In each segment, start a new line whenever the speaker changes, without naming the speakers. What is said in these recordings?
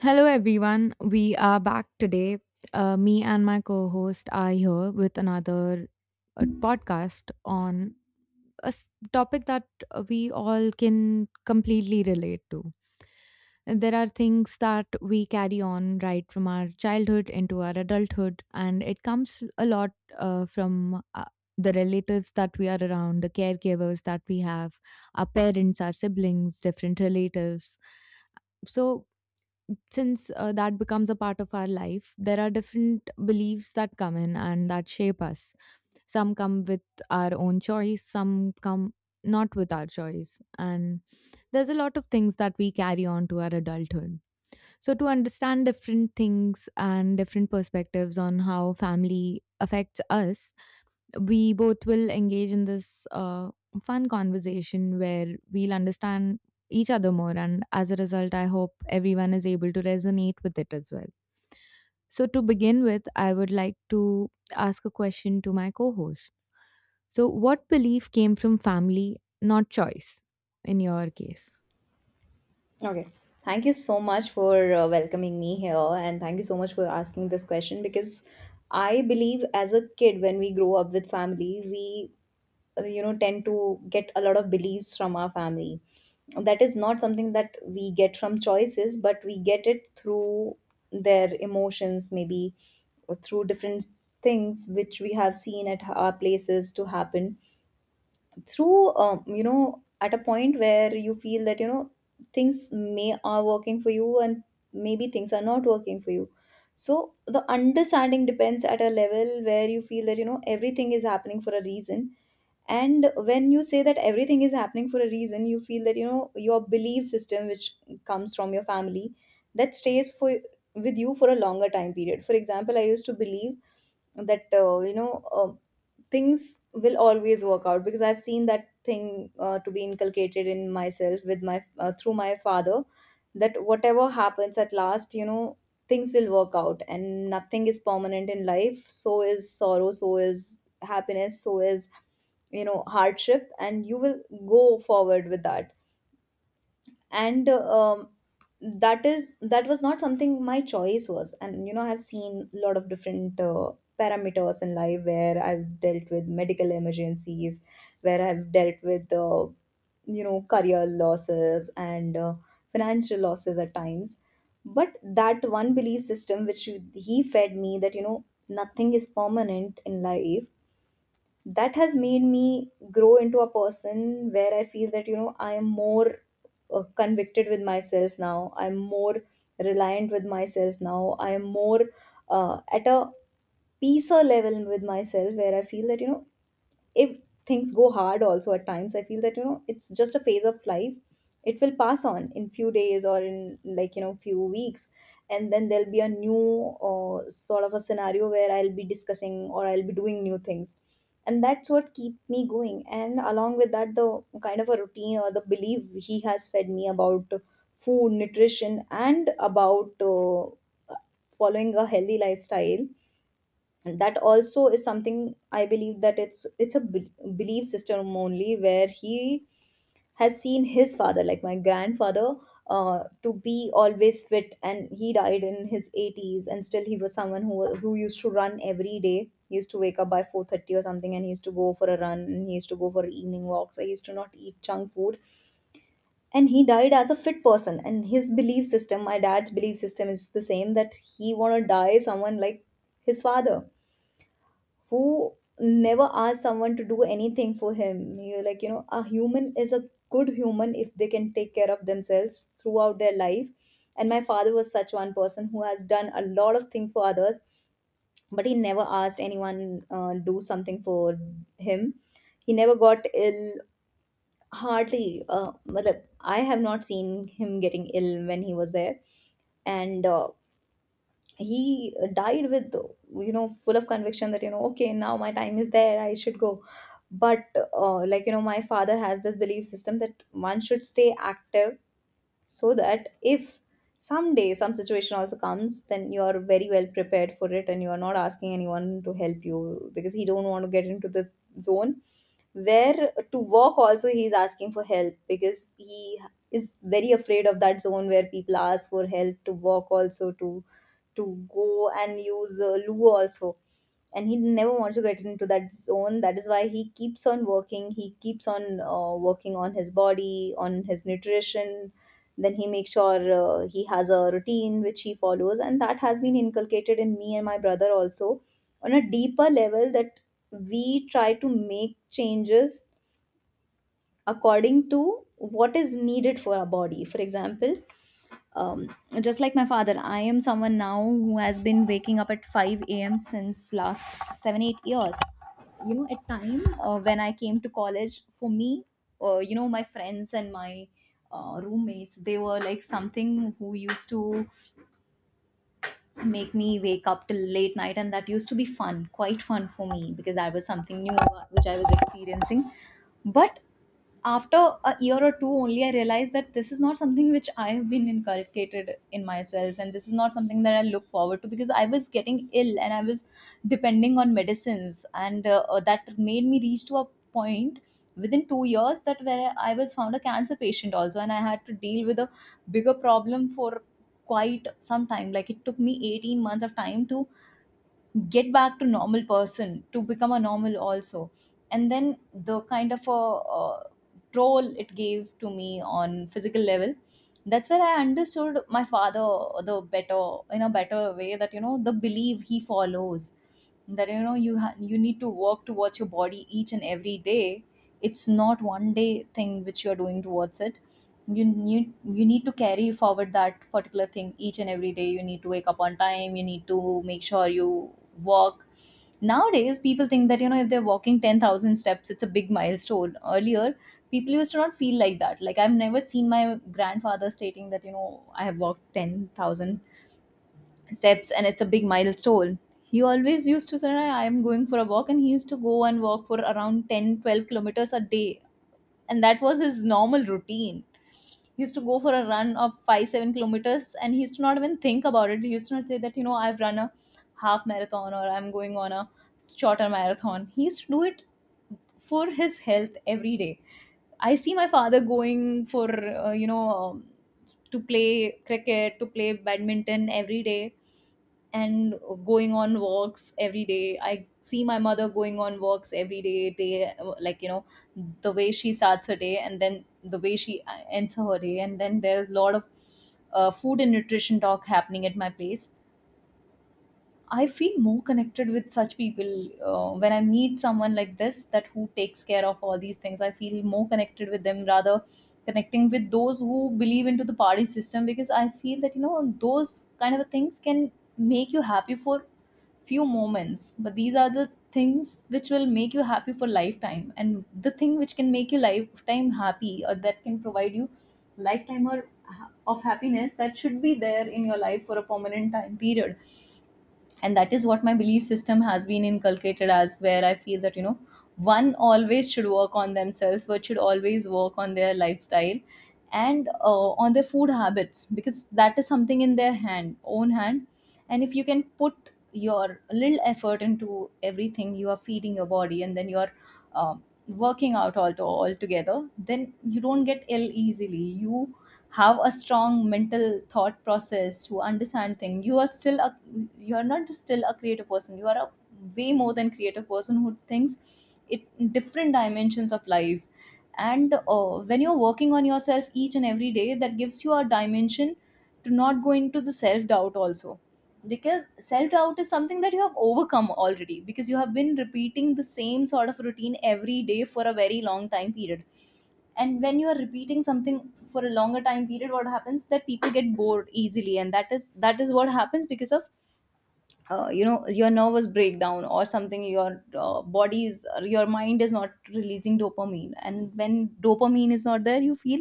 Hello, everyone. We are back today. Me and my co host are here with another podcast on topic that we all can completely relate to. And There are things that we carry on right from our childhood into our adulthood, and it comes a lot from the relatives that we are around, the caregivers that we have, our parents, our siblings, different relatives. So, since that becomes a part of our life, there are different beliefs that come in and that shape us. Some come with our own choice, some come not with our choice. And there's a lot of things that we carry on to our adulthood. So, to understand different things and different perspectives on how family affects us, we both will engage in this fun conversation where we'll understand each other more. And as a result, I hope everyone is able to resonate with it as well. So, to begin with, I would like to ask a question to my co host. So, what belief came from family, not choice, in your case?
Okay. Thank you so much for welcoming me here, and thank you so much for asking this question because I believe as a kid, when we grow up with family, we tend to get a lot of beliefs from our family. That is not something that we get from choices, but we get it through their emotions, maybe, or through different things which we have seen at our places to happen through at a point where you feel that things may are working for you, and maybe things are not working for you. So the understanding depends at a level where you feel that everything is happening for a reason. And when you say that everything is happening for a reason, you feel that your belief system, which comes from your family, that stays for with you for a longer time period. For example, I used to believe that things will always work out because I've seen that thing to be inculcated in myself with my through my father, that whatever happens at last, things will work out, and nothing is permanent in life, so is sorrow, so is happiness, so is hardship, and you will go forward with that. And um, that is that was not something my choice was, and I've seen a lot of different parameters in life where I've dealt with medical emergencies, where I've dealt with career losses and financial losses at times. But that one belief system which he fed me, that nothing is permanent in life, that has made me grow into a person where I feel that, I am more convicted with myself now. I'm more reliant with myself now. I am more at a peace or level with myself where I feel that, if things go hard also at times, I feel that it's just a phase of life. It will pass on in few days or in, like, few weeks. And then there'll be a new sort of a scenario where I'll be discussing or I'll be doing new things, and that's what keep me going. And along with that, the kind of a routine or the belief he has fed me about food nutrition and about following a healthy lifestyle, and that also is something I believe that it's a belief system only, where he has seen his father, like my grandfather, to be always fit. And he died in his 80s, and still he was someone who used to run every day. He used to wake up by 4:30 or something, and he used to go for a run, and he used to go for evening walks. He used to not eat junk food, and he died as a fit person. And his belief system, my dad's belief system, is the same, that he want to die someone like his father, who never asks someone to do anything for him. You like, you know, a human is a good human if they can take care of themselves throughout their life. And my father was such one person who has done a lot of things for others, but he never asked anyone do something for him. He never got ill, hardly. Matlab, I have not seen him getting ill when he was there. And he died with, full of conviction that, okay, now my time is there, I should go. But like, my father has this belief system that one should stay active, so that if someday some situation also comes, then you are very well prepared for it, and you are not asking anyone to help you, because he don't want to get into the zone where to walk also he is asking for help, because he is very afraid of that zone where people ask for help to walk also, to go and use loo also. And he never wants to get into that zone. That is why he keeps on working, he keeps on working on his body, on his nutrition. Then he makes sure he has a routine which he follows, and that has been inculcated in me and my brother also, on a deeper level, that we try to make changes according to what is needed for our body. For example, um, just like my father, I am someone now who has been waking up at 5 a.m. since last 7 8 years. At time, when I came to college, for me, my friends and my roommates, they were like something who used to make me wake up till late night, and that used to be fun, quite fun for me, because that was something new which I was experiencing. But after a year or two only, I realized that this is not something which I have been inculcated in myself, and this is not something that I look forward to, because I was getting ill and I was depending on medicines, and that made me reach to a point within 2 years, that where I was found a cancer patient also, and I had to deal with a bigger problem for quite some time. Like, it took me 18 months of time to get back to normal person, to become a normal also. And then the kind of a uh, troll it gave to me on physical level, that's where I understood my father the better in a better way, that the belief he follows, that you need to work towards your body each and every day. It's not one day thing which you're doing towards it. You need to carry forward that particular thing each and every day. You need to wake up on time. You need to make sure you walk. Nowadays people think that if they're walking 10,000 steps, it's a big milestone. Earlier, people used to not feel like that. Like, I've never seen my grandfather stating that I have walked 10,000 steps and it's a big milestone. He always used to say, "Hey, I am going for a walk," and he used to go and walk for around 10, 12 kilometers a day, and that was his normal routine. He used to go for a run of 5 7 kilometers, and he used to not even think about it. He used to not say that I've run a half marathon or I'm going on a shorter marathon. He used to do it for his health every day. I see my father going for to play cricket, to play badminton every day, and going on walks every day. I see my mother going on walks every day. Like, the way she starts her day and then the way she ends her day. And then there's a lot of food and nutrition talk happening at my place. I feel more connected with such people when I meet someone like this, that who takes care of all these things. I feel more connected with them rather connecting with those who believe into the party system, because I feel that those kind of things can make you happy for few moments, but these are the things which will make you happy for lifetime. And the thing which can make you lifetime happy or that can provide you lifetime or ha- of happiness that should be there in your life for a permanent time period. And that is what my belief system has been inculcated as, where I feel that you know one always should work on themselves but should always work on their lifestyle and on their food habits, because that is something in their hand and if you can put your little effort into everything you are feeding your body and then you're working out all, to all together, then you don't get ill easily. You have a strong mental thought process to understand things. You are not just still a creative person, you are a way more than creative person who thinks it in different dimensions of life. And when you're working on yourself each and every day, that gives you a dimension to not go into the self doubt also, because self doubt is something that you have overcome already, because you have been repeating the same sort of routine every day for a very long time period. And when you are repeating something for a longer time period, what happens that people get bored easily, and that is what happens because of your nervous breakdown or something. Your body is your mind is not releasing dopamine, and when dopamine is not there, you feel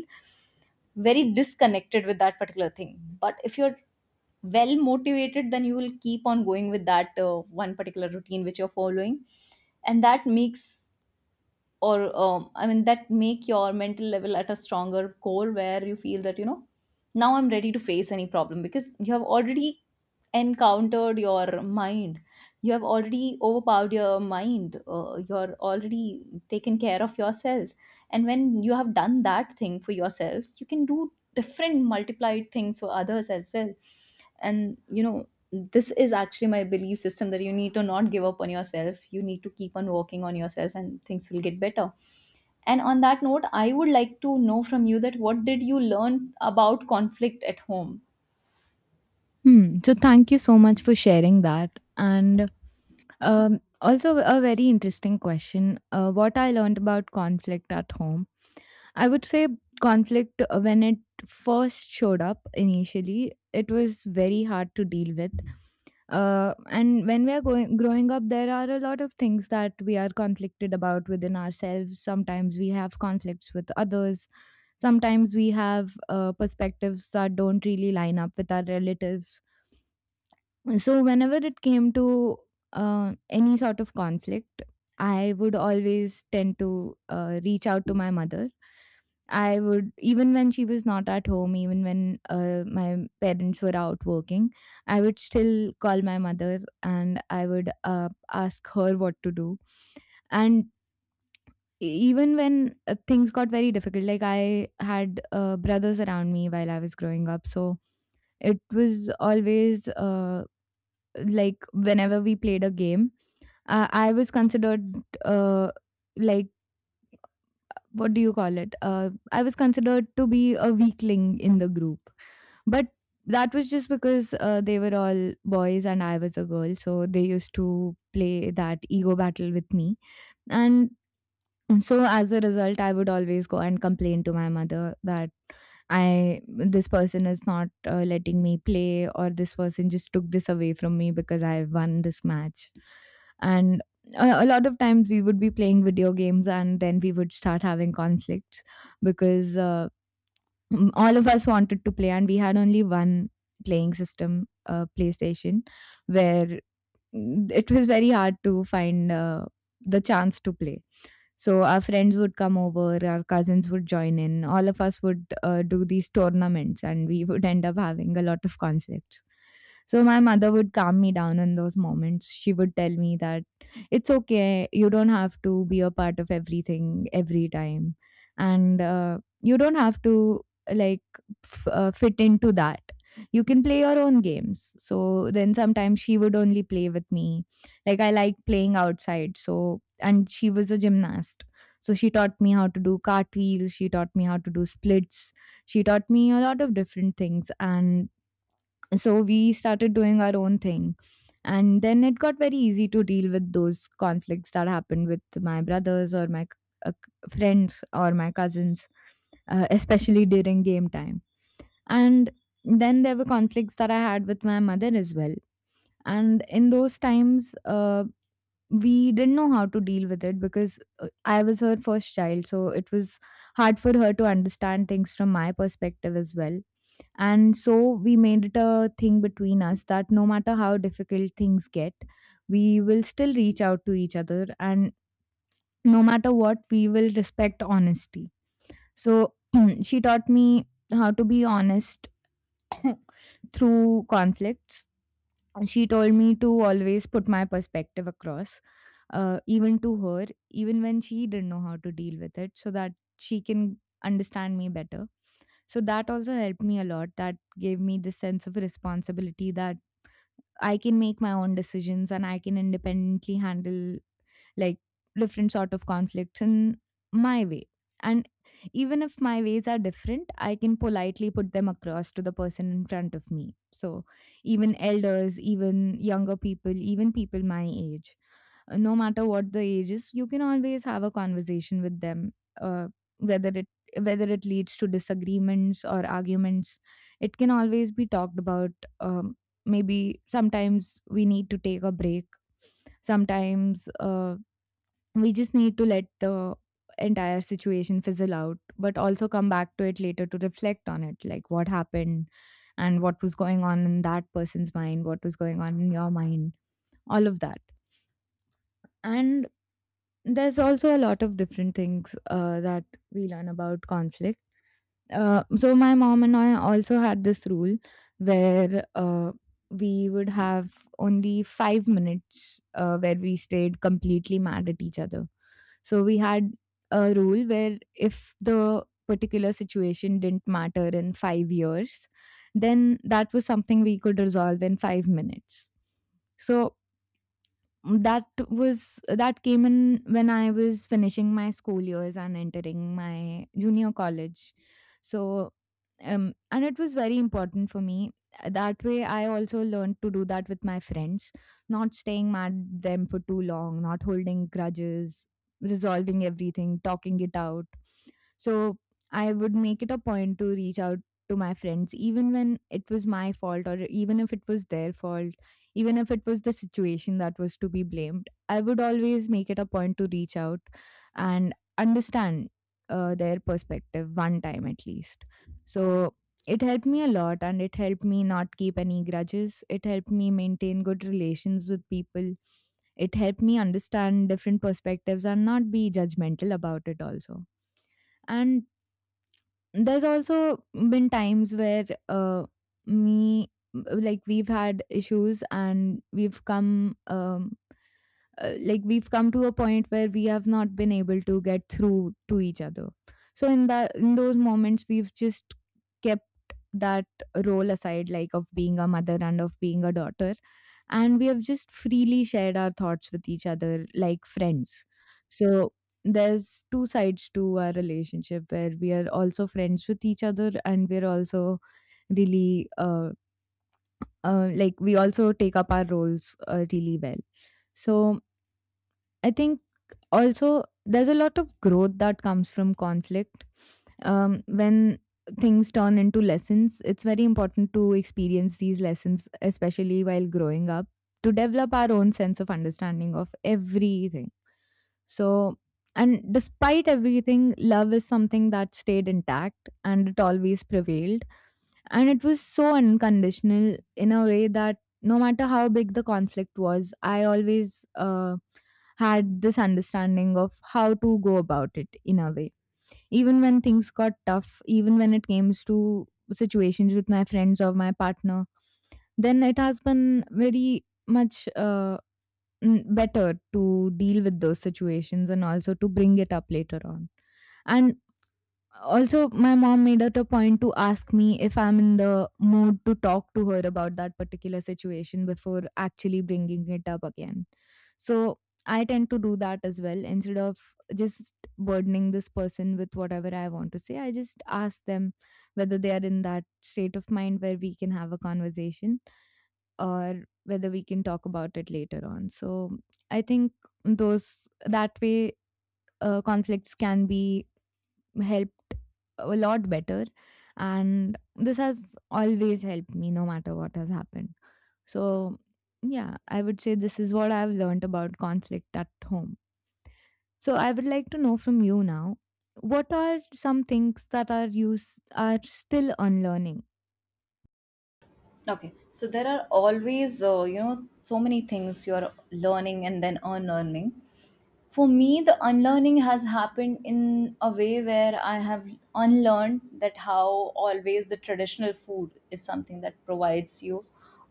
very disconnected with that particular thing. But if you're well motivated, then you will keep on going with that one particular routine which you're following. And that makes or I mean that make your mental level at a stronger core, where you feel that you know now I'm ready to face any problem, because you have already encountered your mind, you have already overpowered your mind, you're already taken care of yourself. And when you have done that thing for yourself, you can do different multiplied things for others as well. And you know, this is actually my belief system, that you need to not give up on yourself, you need to keep on working on yourself and things will get better. And on that note, I would like to know from you that what did you learn about conflict at home.
Hmm. So thank you so much for sharing that. And also a very interesting question. What I learned about conflict at home, I would say conflict when it first showed up initially, it was very hard to deal with. And when we are going growing up, there are a lot of things that we are conflicted about within ourselves. Sometimes we have conflicts with others. Sometimes we have perspectives that don't really line up with our relatives, so whenever it came to any sort of conflict, I would always tend to reach out to my mother. I would Even when she was not at home, even when my parents were out working, I would still call my mother and I would ask her what to do. And even when things got very difficult, like I had brothers around me while I was growing up, so it was always like whenever we played a game, I was considered uh, like, what do you call it? I was considered to be a weakling in the group, but that was just because they were all boys and I was a girl, so they used to play that ego battle with me, and so as a result, I would always go and complain to my mother that I this person is not letting me play, or this person just took this away from me because I won this match. And a lot of times we would be playing video games and then we would start having conflicts because all of us wanted to play and we had only one playing system, PlayStation, where it was very hard to find the chance to play, so our friends would come over, our cousins would join in, all of us would do these tournaments, and we would end up having a lot of conflicts. So my mother would calm me down in those moments. She would tell me that it's okay, you don't have to be a part of everything every time, and you don't have to, like, fit into that. You can play your own games. So then sometimes she would only play with me. Like, I like playing outside, so, and she was a gymnast. So she taught me how to do cartwheels, she taught me how to do splits, she taught me a lot of different things. And so we started doing our own thing. And then it got very easy to deal with those conflicts that happened with my brothers or my friends or my cousins, especially during game time. And then there were conflicts that I had with my mother as well. And in those times, we didn't know how to deal with it because I was her first child, so it was hard for her to understand things from my perspective as well. And so we made it a thing between us that no matter how difficult things get, we will still reach out to each other, and no matter what, we will respect honesty. So she taught me how to be honest through conflicts. She told me to always put my perspective across even to her, even when she didn't know how to deal with it, so that she can understand me better. So that also helped me a lot. That gave me the sense of responsibility that I can make my own decisions and I can independently handle, like, different sort of conflicts in my way. And even if my ways are different, I can politely put them across to the person in front of me. So even elders, even younger people, even people my age, no matter what the age is, you can always have a conversation with them. Uh, whether it Whether it leads to disagreements or arguments, it can always be talked about. Um, Maybe sometimes we need to take a break. Sometimes we just need to let the entire situation fizzle out, but also come back to it later to reflect on it, like what happened and what was going on in that person's mind, what was going on in your mind, all of that. And there's also a lot of different things that we learn about conflict. So my mom and I also had this rule where we would have only 5 minutes where we stayed completely mad at each other. So we had a rule where if the particular situation didn't matter in 5 years, then that was something we could resolve in 5 minutes. So that came in when I was finishing my school years and entering my junior college. So, and it was very important for me. That way, I also learned to do that with my friends, not staying mad at them for too long, not holding grudges, resolving everything, talking it out. So, I would make it a point to reach out to my friends, even when it was my fault or even if it was their fault, even if it was the situation that was to be blamed, I would always make it a point to reach out and understand their perspective one time at least. So it helped me a lot and it helped me not keep any grudges. It helped me maintain good relations with people. It helped me understand different perspectives and not be judgmental about it also. And there's also been times where me like we've had issues and we've come like we've come to a point where we have not been able to get through to each other, so in that, in those moments, we've just kept that role aside, like of being a mother and of being a daughter, and we have just freely shared our thoughts with each other like friends. So there's two sides to our relationship where we are also friends with each other and we're also really, like, we also take up our roles really well. So I think also there's a lot of growth that comes from conflict. When things turn into lessons, it's very important to experience these lessons, especially while growing up, to develop our own sense of understanding of everything. So, and despite everything, love is something that stayed intact and it always prevailed, and it was so unconditional in a way that no matter how big the conflict was, I always had this understanding of how to go about it in a way. Even when things got tough, even when it came to situations with my friends or my partner, then it has been very much better to deal with those situations and also to bring it up later on. And also, my mom made it a point to ask me if I'm in the mood to talk to her about that particular situation before actually bringing it up again. So, I tend to do that as well. Instead of just burdening this person with whatever I want to say, I just ask them whether they are in that state of mind where we can have a conversation, or whether we can talk about it later on. So, I think those that way, conflicts can be helped a lot better, and this has always helped me no matter what has happened. So, yeah, I would say this is what I've learned about conflict at home. So I would like to know from you now, what are some things that are still unlearning?
Okay, so there are always you know so many things you're learning and then unlearning. For me, the unlearning has happened in a way where I have unlearned that how always the traditional food is something that provides you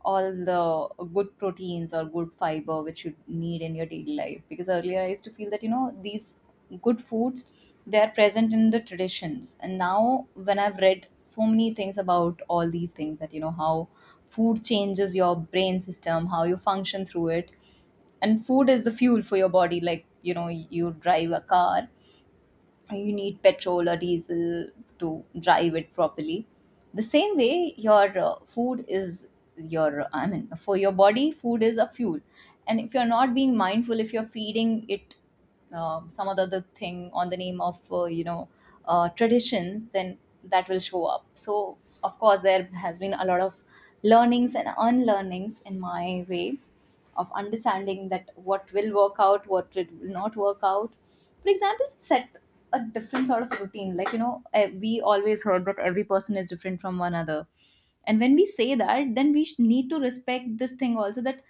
all the good proteins or good fiber which you need in your daily life. Because earlier I used to feel that, you know, these good foods, they are present in the traditions, and now when I've read so many things about all these things, that you know how food changes your brain system, how you function through it. And food is the fuel for your body. Like, you know, you drive a car, you need petrol or diesel to drive it properly. The same way your food is your I mean for your body food is a fuel. And if you're not being mindful, if you're feeding it some other the thing on the name of traditions, then that will show up. So of course there has been a lot of learnings and unlearnings in my way of understanding that what will work out, what it will not work out. For example, set a different sort of routine. Like, you know, we always heard that every person is different from one another. And when we say that, then we need to respect this thing also, that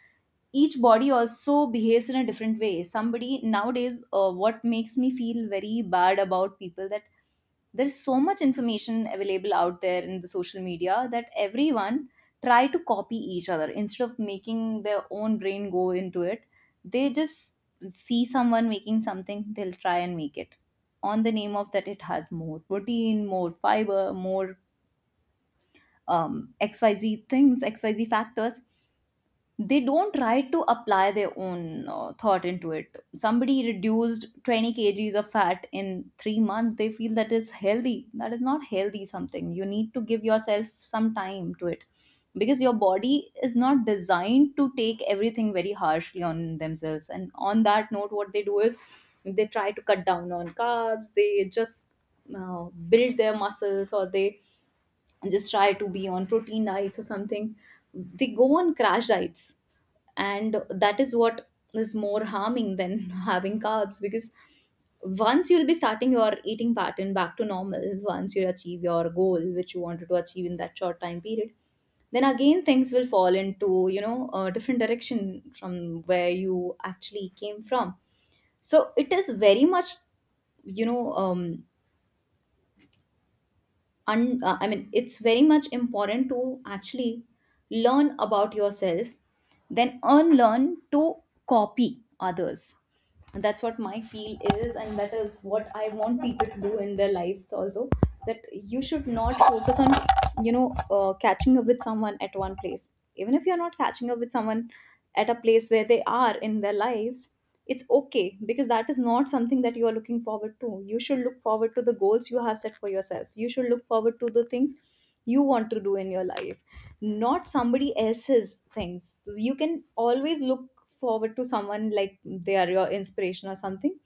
each body also behaves in a different way. Somebody nowadays, what makes me feel very bad about people, that there's so much information available out there in the social media that everyone try to copy each other instead of making their own brain go into it. They just see someone making something, they'll try and make it on the name of that, it has more protein, more fiber, more xyz things, xyz factors. They don't try to apply their own thought into it. Somebody reduced 20 kgs of fat in 3 months, they feel that is healthy. That is not healthy, something you need to give yourself some time to it, because your body is not designed to take everything very harshly on themselves. And on that note, what they do is they try to cut down on carbs, they just uh, build their muscles or they and just try to be on protein diets or something. They go on crash diets, and that is what is more harming than having carbs, because once you'll be starting your eating pattern back to normal, once you achieve your goal which you wanted to achieve in that short time period, then again things will fall into, you know, a different direction from where you actually came from. So it is very much, you know, it's very much important to actually learn about yourself, then unlearn to copy others. And that's what my feel is, and that is what I want people to do in their lives also. That you should not focus on, you know, catching up with someone at one place. Even if you're not catching up with someone at a place where they are in their lives, it's okay, because that is not something that you are looking forward to. You should look forward to the goals you have set for yourself. You should look forward to the things you want to do in your life, not somebody else's things. You can always look forward to someone like they are your inspiration or something,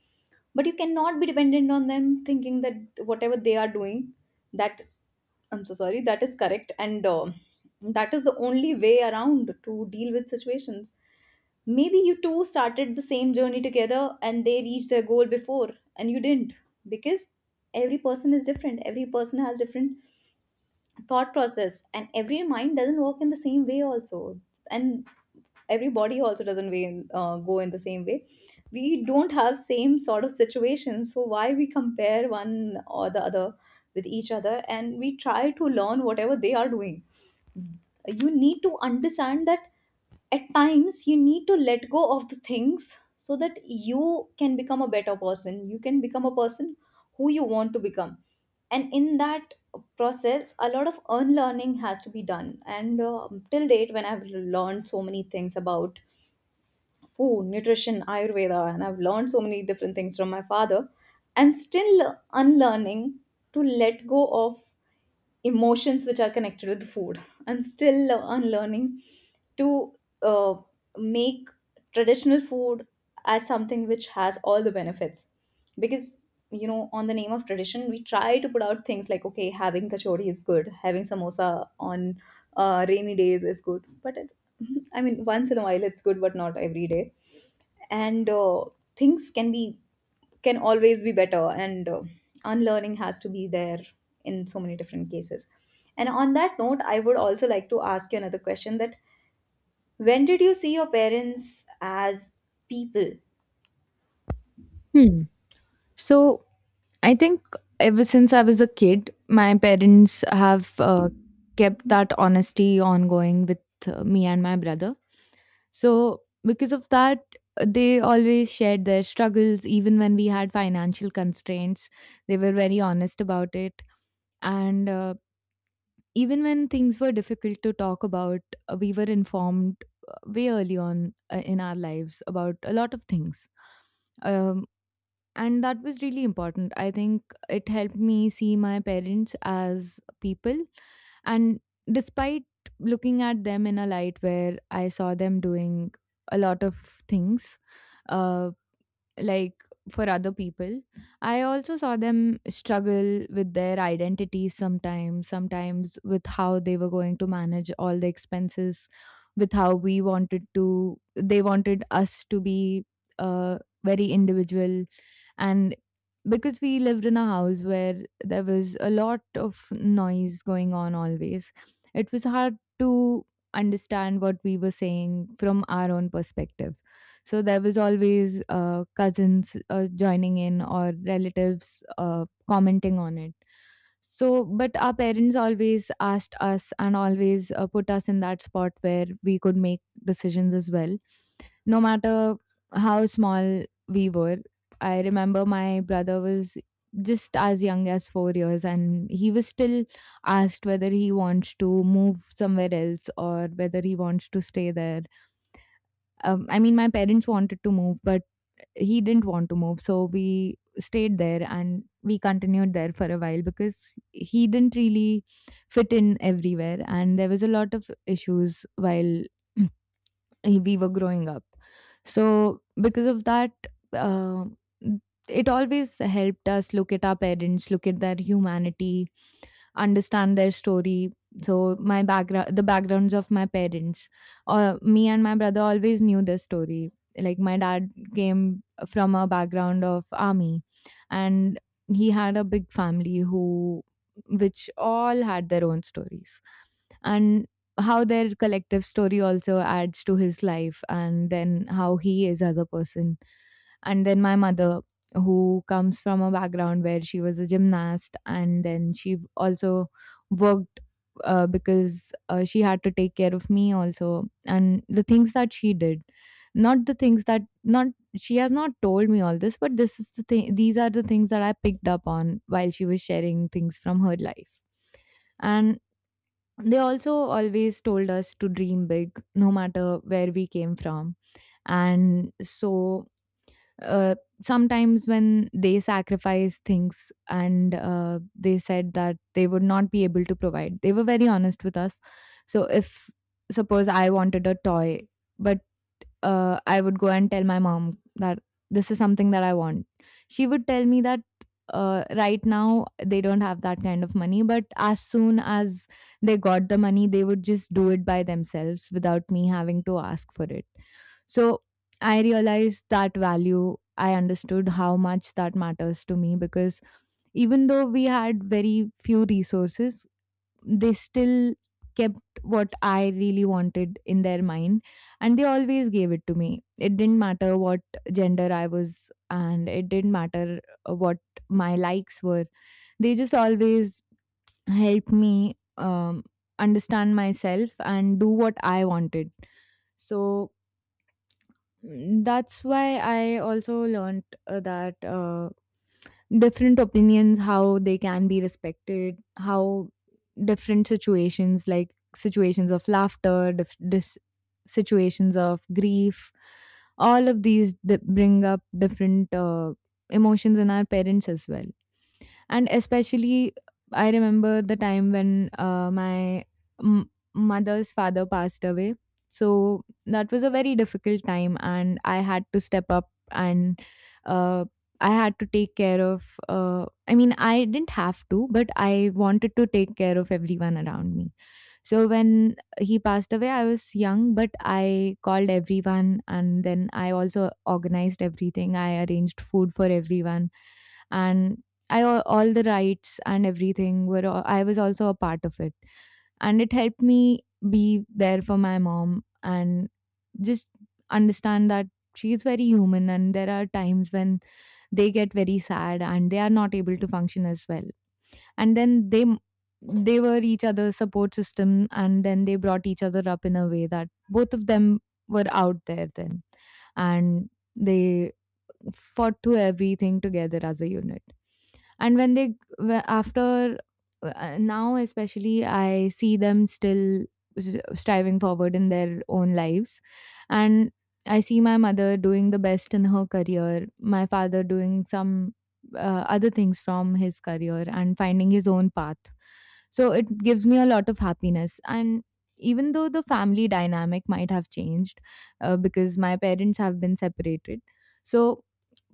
but you cannot be dependent on them thinking that whatever they are doing, that I'm so sorry, that is correct. And that is the only way around to deal with situations. Maybe you two started the same journey together and they reached their goal before and you didn't, because every person is different. Every person has different thought process and every mind doesn't work in the same way also. And every body also doesn't go in the same way. We don't have same sort of situations. So why we compare one or the other with each other and we try to learn whatever they are doing. You need to understand that at times you need to let go of the things, so that you can become a better person, you can become a person who you want to become. And in that process a lot of unlearning has to be done. And till date, when I've learned so many things about food, nutrition, Ayurveda, and I've learned so many different things from my father, I'm still unlearning to let go of emotions which are connected with food. I'm still unlearning to uh, make traditional food as something which has all the benefits, because you know on the name of tradition we try to put out things like, okay, having kachori is good, having samosa on rainy days is good, but I mean once in a while it's good, but not every day. And things can be can always be better. And unlearning has to be there in so many different cases. And on that note I would also like to ask you another question, that when did you see your parents as people?
Hmm. So I think ever since I was a kid, my parents have kept that honesty ongoing with me and my brother. So, because of that, they always shared their struggles, even when we had financial constraints. They were very honest about it. And Even when things were difficult to talk about, we were informed way early on in our lives about a lot of things. Um, and that was really important. I think it helped me see my parents as people, and despite looking at them in a light where I saw them doing a lot of things, uh, like for other people, I also saw them struggle with their identities, sometimes with how they were going to manage all the expenses, with how we wanted to they wanted us to be uh, very individual. And because we lived in a house where there was a lot of noise going on always, it was hard to understand what we were saying from our own perspective. So there was always cousins joining in or relatives commenting on it. So, but our parents always asked us and always put us in that spot where we could make decisions as well, no matter how small we were. I remember my brother was just as young as 4 years, and he was still asked whether he wants to move somewhere else or whether he wants to stay there. I mean, my parents wanted to move, but he didn't want to move, so we stayed there and we continued there for a while because he didn't really fit in everywhere, and there was a lot of issues while we were growing up. So, because of that, uh, it always helped us look at our parents, look at their humanity, understand their story. So, my background, the backgrounds of my parents, me and my brother always knew this story. Like, my dad came from a background of army, and he had a big family who, which all had their own stories. And how their collective story also adds to his life, and then how he is as a person. And then my mother, who comes from a background where she was a gymnast, and then she also worked because she had to take care of me also, and the things that she did, not the things that not she has not told me all this, but this is the thing these are the things that I picked up on while she was sharing things from her life. And they also always told us to dream big, no matter where we came from. And so uh, Sometimes when they sacrifice things, and they said that they would not be able to provide, they were very honest with us. So if suppose I wanted a toy, but I would go and tell my mom that this is something that I want, she would tell me that right now they don't have that kind of money, but as soon as they got the money, they would just do it by themselves without me having to ask for it. So I realized that value. I understood how much that matters to me, because even though we had very few resources, they still kept what I really wanted in their mind, and they always gave it to me. It didn't matter what gender I was, and it didn't matter what my likes were. They just always helped me understand myself and do what I wanted. So, Mm, that's why I also learned that different opinions, how they can be respected, how different situations, like situations of laughter, situations of grief, all of these bring up different emotions in our parents as well. And especially, I remember the time when my mother's father passed away. So that was a very difficult time, and I had to step up and uh, I had to take care of. I mean, I didn't have to, but I wanted to take care of everyone around me. So when he passed away, I was young, but I called everyone, and then I also organized everything. I arranged food for everyone, and I all the rights and everything were all, I was also a part of it, and it helped me be there for my mom, and just understand that she's very human, and there are times when they get very sad and they are not able to function as well. And then they were each other's support system, and then they brought each other up in a way that both of them were out there then. And they fought through everything together as a unit. And when they after now especially, I see them still striving forward in their own lives. And I see my mother doing the best in her career, my father doing some other things from his career and finding his own path. So it gives me a lot of happiness. And even though the family dynamic might have changed, because my parents have been separated, so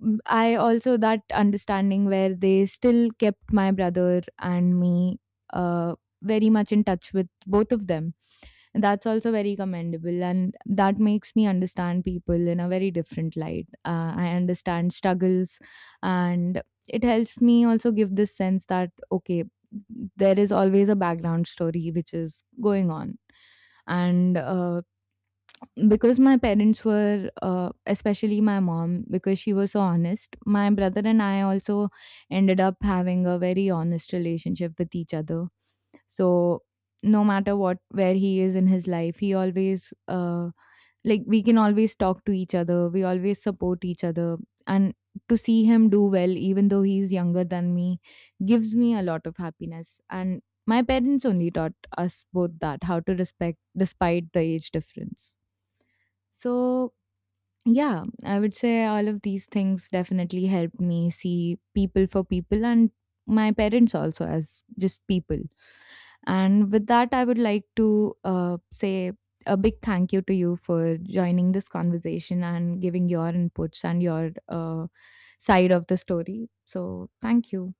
Mm, I also that understanding where they still kept my brother and me, uh, very much in touch with both of them. That's also very commendable, and that makes me understand people in a very different light. I understand struggles, and it helps me also give this sense that okay, there is always a background story which is going on. And Because my parents were, especially my mom, because she was so honest, my brother and I also ended up having a very honest relationship with each other. So, no matter what, where he is in his life, he always, like, we can always talk to each other, we always support each other. And to see him do well, even though he's younger than me, gives me a lot of happiness. And my parents only taught us both that how to respect despite the age difference. So, yeah, I would say all of these things definitely helped me see people for people, and my parents also as just people. And with that, I would like to say a big thank you to you for joining this conversation and giving your inputs and your side of the story. So, thank you.